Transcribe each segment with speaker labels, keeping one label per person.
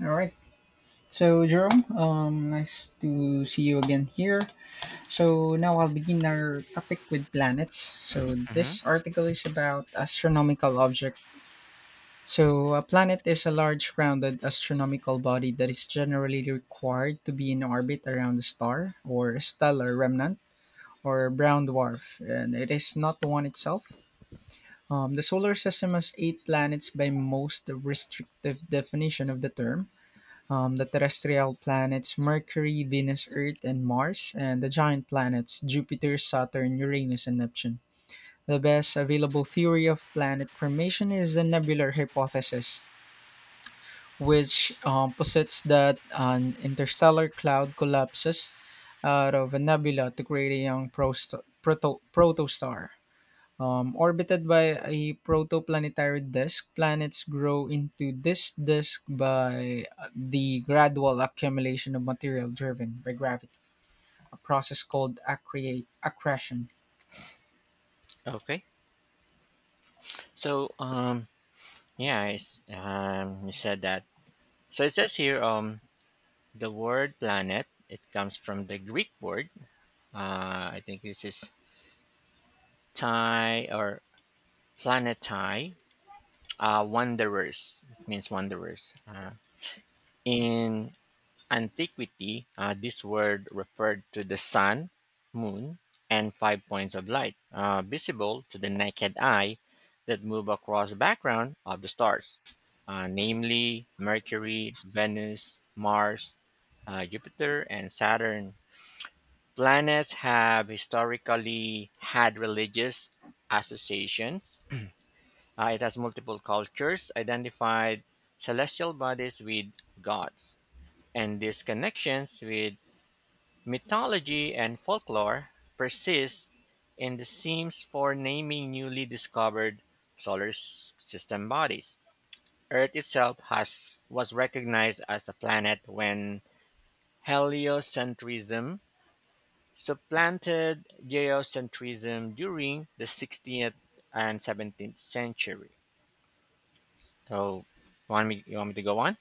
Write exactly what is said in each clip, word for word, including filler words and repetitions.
Speaker 1: All right. So, Jerome, um, nice to see you again here. So, now I'll begin our topic with planets. So,
Speaker 2: Mm-hmm.
Speaker 1: this article is about astronomical object. So, a planet is a large rounded astronomical body that is generally required to be in orbit around a star or stellar remnant or brown dwarf, and it is not the one itself. Um, the solar system has eight planets by most restrictive definition of the term um, the terrestrial planets Mercury, Venus, Earth, and Mars, and the giant planets Jupiter, Saturn, Uranus, and Neptune. The best available theory of planet formation is the nebular hypothesis, which um, posits that an interstellar cloud collapses out of a nebula to create a young prost- proto- protostar. Um, orbited by a protoplanetary disk, planets grow into this disk by uh, the gradual accumulation of material driven by gravity, a process called accre- accretion.
Speaker 2: Okay. So, um, yeah, I s um, you said that. So it says here, um, the word planet. It comes from the Greek word. Uh, I think this is Thai or planetai. Uh, wanderers. It means wanderers. Uh, in antiquity, uh, this word referred to the sun, moon, and five points of light uh, visible to the naked eye that move across the background of the stars, uh, namely Mercury, Venus, Mars, uh, Jupiter, and Saturn. Planets have historically had religious associations. Uh, it has multiple cultures identified celestial bodies with gods, and these connections with mythology and folklore persist in the themes for naming newly discovered solar s- system bodies. Earth itself has was recognized as a planet when heliocentrism supplanted geocentrism during the sixteenth and seventeenth century. So, want me you want me to go on?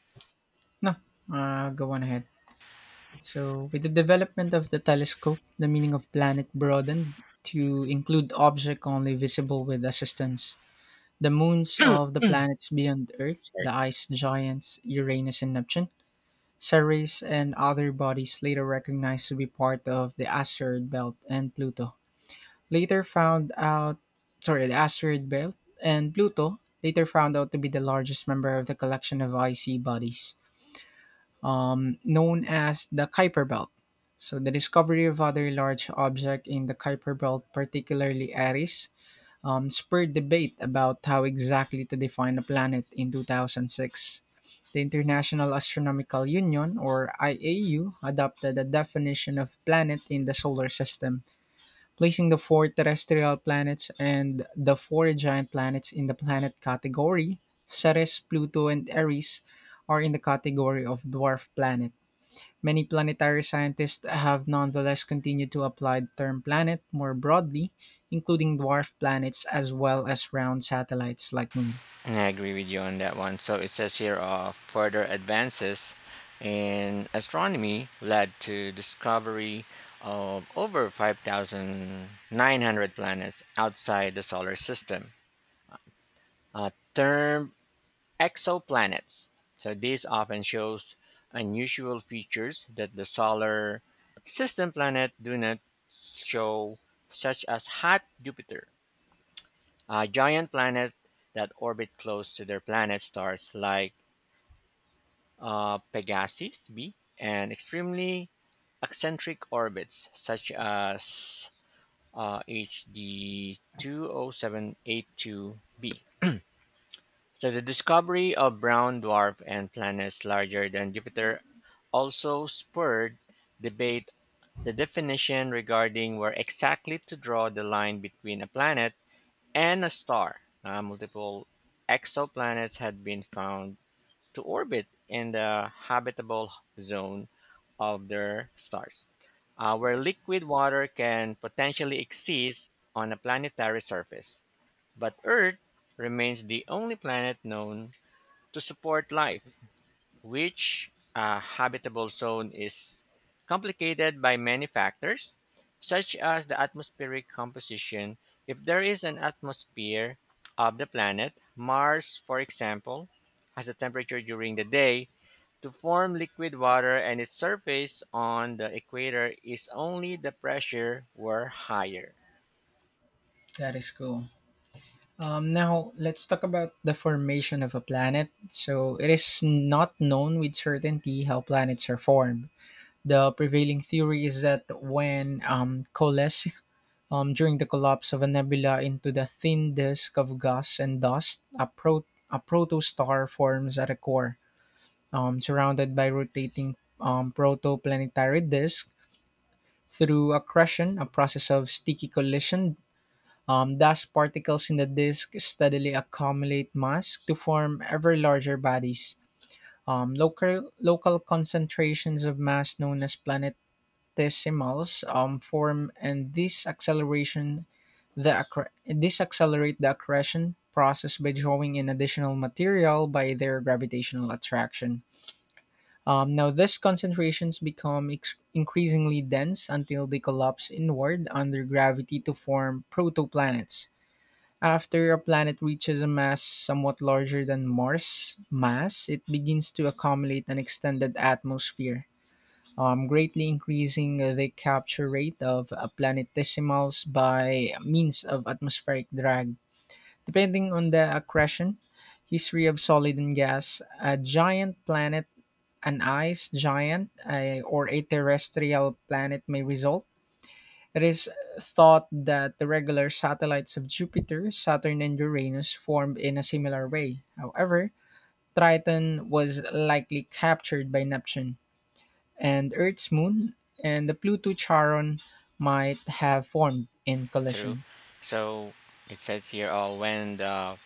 Speaker 1: No, uh, go on ahead. So, with the development of the telescope, the meaning of planet broadened to include objects only visible with assistance. The moons of the planets beyond Earth,
Speaker 2: Sorry.
Speaker 1: the ice giants Uranus and Neptune, Ceres and other bodies later recognized to be part of the asteroid belt and Pluto later found out sorry, the asteroid belt and Pluto later found out to be the largest member of the collection of icy bodies um, known as the Kuiper belt. So the discovery of other large objects in the Kuiper belt, particularly Eris, um, spurred debate about how exactly to define a planet in two thousand six. The International Astronomical Union, or I A U, adopted a definition of planet in the solar system, placing the four terrestrial planets and the four giant planets in the planet category. Ceres, Pluto, and Eris are in the category of dwarf planets. Many planetary scientists have nonetheless continued to apply the term planet more broadly, including dwarf planets as well as round satellites like moon.
Speaker 2: I agree with you on that one. So it says here, uh, further advances in astronomy led to discovery of over five thousand nine hundred planets outside the solar system, uh, termed exoplanets. So this often shows unusual features that the solar system planet do not show, such as hot Jupiter, a giant planet that orbit close to their planet stars like uh, Pegasus b, and extremely eccentric orbits such as uh, H D two oh seven eight two b. So the discovery of brown dwarf and planets larger than Jupiter also spurred debate the definition regarding where exactly to draw the line between a planet and a star. Uh, multiple exoplanets had been found to orbit in the habitable zone of their stars, uh, where liquid water can potentially exist on a planetary surface. But Earth remains the only planet known to support life, which a habitable zone is complicated by many factors, such as the atmospheric composition. If there is an atmosphere of the planet, Mars, for example, has a temperature during the day to form liquid water and its surface on the equator is only the pressure were higher.
Speaker 1: That is cool. Um, now, let's talk about the formation of a planet. So, it is not known with certainty how planets are formed. The prevailing theory is that when um, coalesce um, during the collapse of a nebula into the thin disk of gas and dust, a, pro- a protostar forms at the core. Um, surrounded by rotating um, protoplanetary disk through accretion, a process of sticky collision. Um, dust particles in the disk steadily accumulate mass to form ever larger bodies. Um, local, local concentrations of mass known as planetesimals um, form, and this acceleration the accre- this accelerate the accretion process by drawing in additional material by their gravitational attraction. Um, now, these concentrations become ex- increasingly dense until they collapse inward under gravity to form protoplanets. After a planet reaches a mass somewhat larger than Mars' mass, it begins to accumulate an extended atmosphere, um, greatly increasing the capture rate of uh, planetesimals by means of atmospheric drag. Depending on the accretion, history of solid and gas, a giant planet an ice giant a- or a terrestrial planet may result. It is thought that the regular satellites of Jupiter, Saturn, and Uranus formed in a similar way. However, Triton was likely captured by Neptune, and Earth's moon and the Pluto Charon might have formed in
Speaker 2: True.
Speaker 1: collision.
Speaker 2: So it says here, oh, when the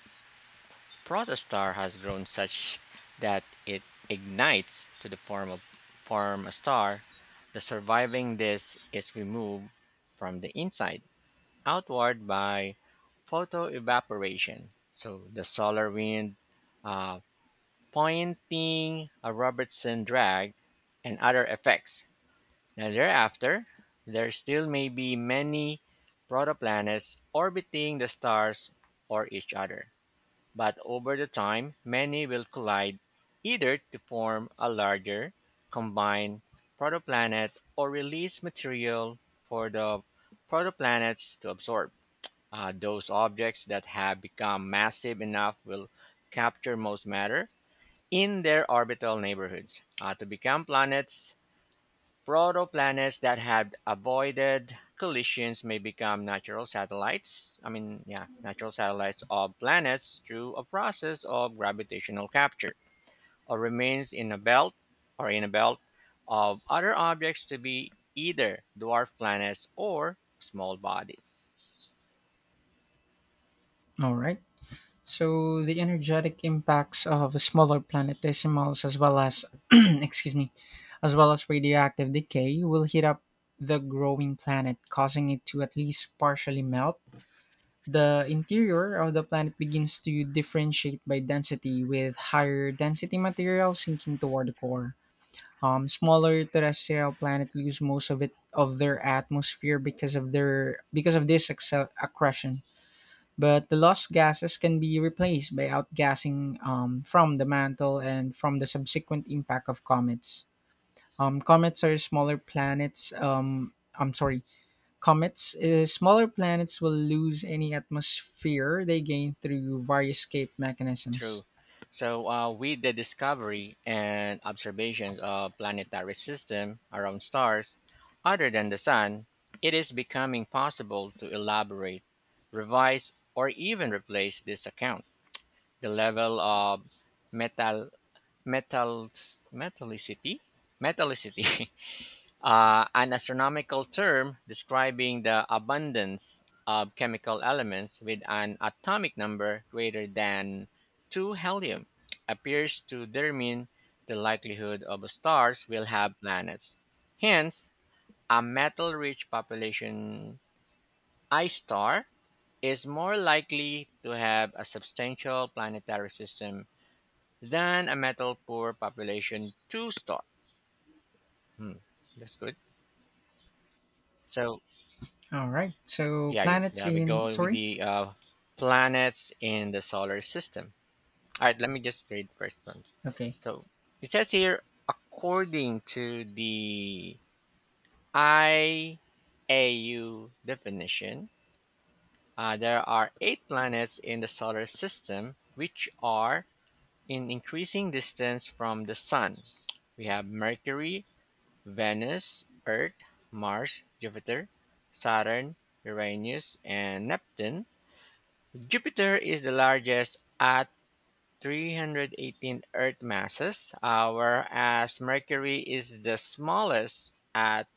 Speaker 2: protostar has grown such that it ignites to the form of form a star, the surviving disk is removed from the inside outward by photoevaporation. So the solar wind, uh, pointing, a Robertson drag, and other effects. Now, thereafter, there still may be many protoplanets orbiting the stars or each other, but over the time, many will collide either to form a larger combined protoplanet or release material for the protoplanets to absorb. Uh, those objects that have become massive enough will capture most matter in their orbital neighborhoods uh, to become planets. Protoplanets that had avoided collisions may become natural satellites. I mean, yeah, natural satellites of planets through a process of gravitational capture, or remains in a belt or in a belt of other objects to be either dwarf planets or small bodies.
Speaker 1: All right. So the energetic impacts of smaller planetesimals as well as excuse me, as well as radioactive decay will heat up the growing planet, causing it to at least partially melt. The interior of the planet begins to differentiate by density, with higher density material sinking toward the core. Um, smaller terrestrial planets lose most of it of their atmosphere because of their because of this accel- accretion, but the lost gases can be replaced by outgassing um, from the mantle and from the subsequent impact of comets. Um, comets are smaller planets. Um, I'm sorry, comets. Uh, smaller planets will lose any atmosphere they gain through various escape mechanisms.
Speaker 2: True. So uh, with the discovery and observations of planetary system around stars other than the sun, it is becoming possible to elaborate, revise, or even replace this account. The level of metal metal metallicity metallicity uh, an astronomical term describing the abundance of chemical elements with an atomic number greater than two, helium, appears to determine the likelihood of stars will have planets. Hence, a metal rich population I star is more likely to have a substantial planetary system than a metal poor population two star. Hmm, that's good. So,
Speaker 1: All right. So
Speaker 2: yeah, you-
Speaker 1: planets
Speaker 2: yeah, we
Speaker 1: in
Speaker 2: go with
Speaker 1: sorry.
Speaker 2: the uh, planets in the solar system. All right, let me just read first one.
Speaker 1: Okay.
Speaker 2: So it says here, according to the I A U definition, uh, there are eight planets in the solar system which are in increasing distance from the sun. We have Mercury, Venus, Earth, Mars, Jupiter, Saturn, Uranus, and Neptune. Jupiter is the largest at three hundred eighteen Earth masses, uh, whereas Mercury is the smallest at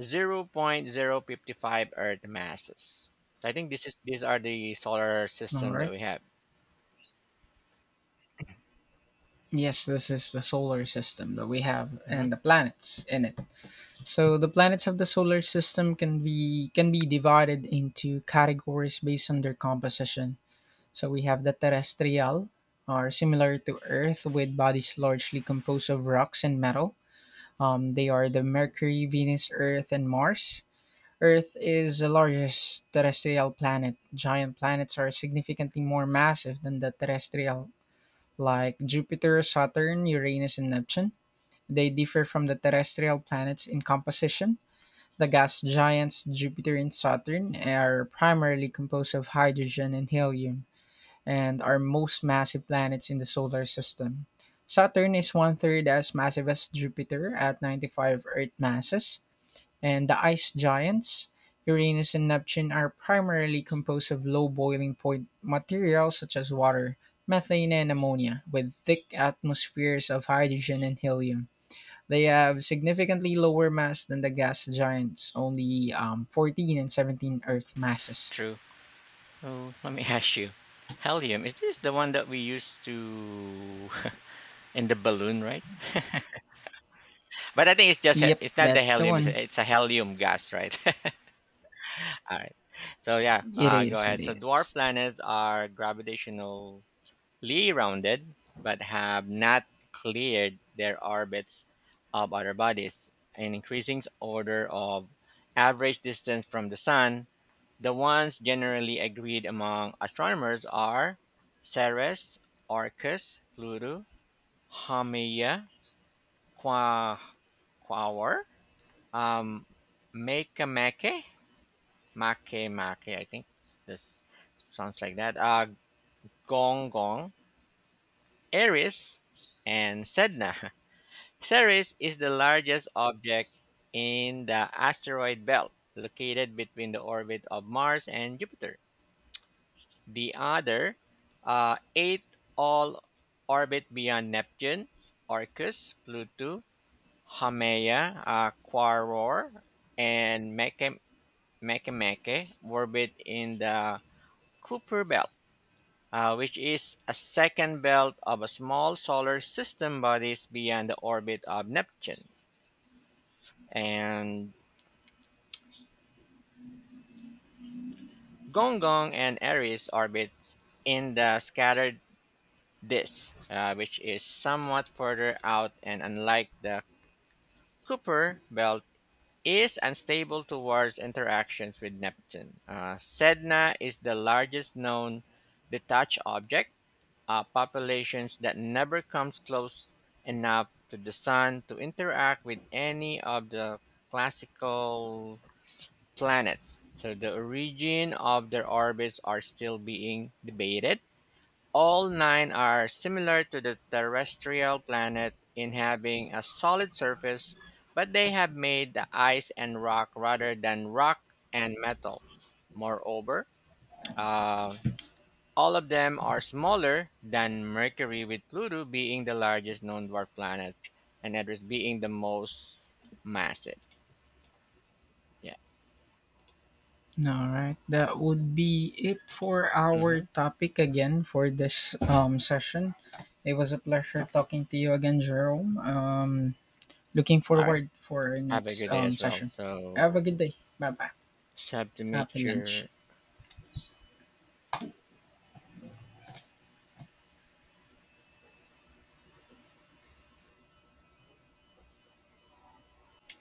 Speaker 2: zero point zero five five Earth masses. So I think this is these are the solar
Speaker 1: All
Speaker 2: system that
Speaker 1: right.
Speaker 2: we have.
Speaker 1: Yes, this is the solar system that we have
Speaker 2: Mhm.
Speaker 1: and the planets in it. So the planets of the solar system can be can be divided into categories based on their composition. So we have the terrestrial, are similar to Earth with bodies largely composed of rocks and metal. Um, they are the Mercury, Venus, Earth, and Mars. Earth is the largest terrestrial planet. Giant planets are significantly more massive than the terrestrial, like Jupiter, Saturn, Uranus, and Neptune. They differ from the terrestrial planets in composition the gas giants Jupiter and Saturn are primarily composed of hydrogen and helium and are most massive planets in the solar system. Saturn is one third as massive as Jupiter at ninety-five Earth masses, and the ice giants Uranus and Neptune are primarily composed of low boiling point materials such as water, methane, and ammonia, with thick atmospheres of hydrogen and helium. They have significantly lower mass than the gas giants, only um, fourteen and seventeen Earth masses.
Speaker 2: True. Oh, let me ask you. Helium, is this the one that we used to in the balloon, right? But I think it's just he-
Speaker 1: Yep,
Speaker 2: it's not the
Speaker 1: that's the
Speaker 2: helium, it's
Speaker 1: one.
Speaker 2: a, it's a helium gas, right? All right. So yeah,
Speaker 1: It
Speaker 2: uh, go
Speaker 1: is, it
Speaker 2: ahead. So dwarf
Speaker 1: is.
Speaker 2: planets are gravitationally rounded, but have not cleared their orbits of other bodies. An increasing order of average distance from the sun. The ones generally agreed among astronomers are Ceres, Orcus, Pluto, Haumea, Qua, Quaoar, um, Makemake, Make Make, I think this sounds like that. Uh, Gong Gong, Eris, and Sedna. Ceres is the largest object in the asteroid belt, located between the orbit of Mars and Jupiter. The other uh, eight all orbit beyond Neptune, Orcus, Pluto, Haumea, uh, Quaror, and Meke Meke Meke orbit in the Kuiper belt. uh, which is a second belt of a small solar system bodies beyond the orbit of Neptune. And Gonggong and Aries orbits in the scattered disk, uh, which is somewhat further out and unlike the Kuiper belt is unstable towards interactions with Neptune. Uh, Sedna is the largest known detached object, uh, populations that never comes close enough to the sun to interact with any of the classical planets. So the origin of their orbits are still being debated. All nine are similar to the terrestrial planet in having a solid surface, but they have made the ice and rock rather than rock and metal. Moreover, uh, all of them are smaller than Mercury, with Pluto being the largest known dwarf planet and Eris being the most massive. Yeah.
Speaker 1: All right, that would be it for our
Speaker 2: Mm-hmm.
Speaker 1: topic again for this um, session. It was a pleasure talking to you again, Jerome. Um, looking
Speaker 2: All right.
Speaker 1: forward for our
Speaker 2: Have a
Speaker 1: next
Speaker 2: good day
Speaker 1: um,
Speaker 2: as well.
Speaker 1: session. Have a
Speaker 2: So,
Speaker 1: good day. Bye bye.
Speaker 2: just have to make
Speaker 1: Happy lunch.
Speaker 2: sure.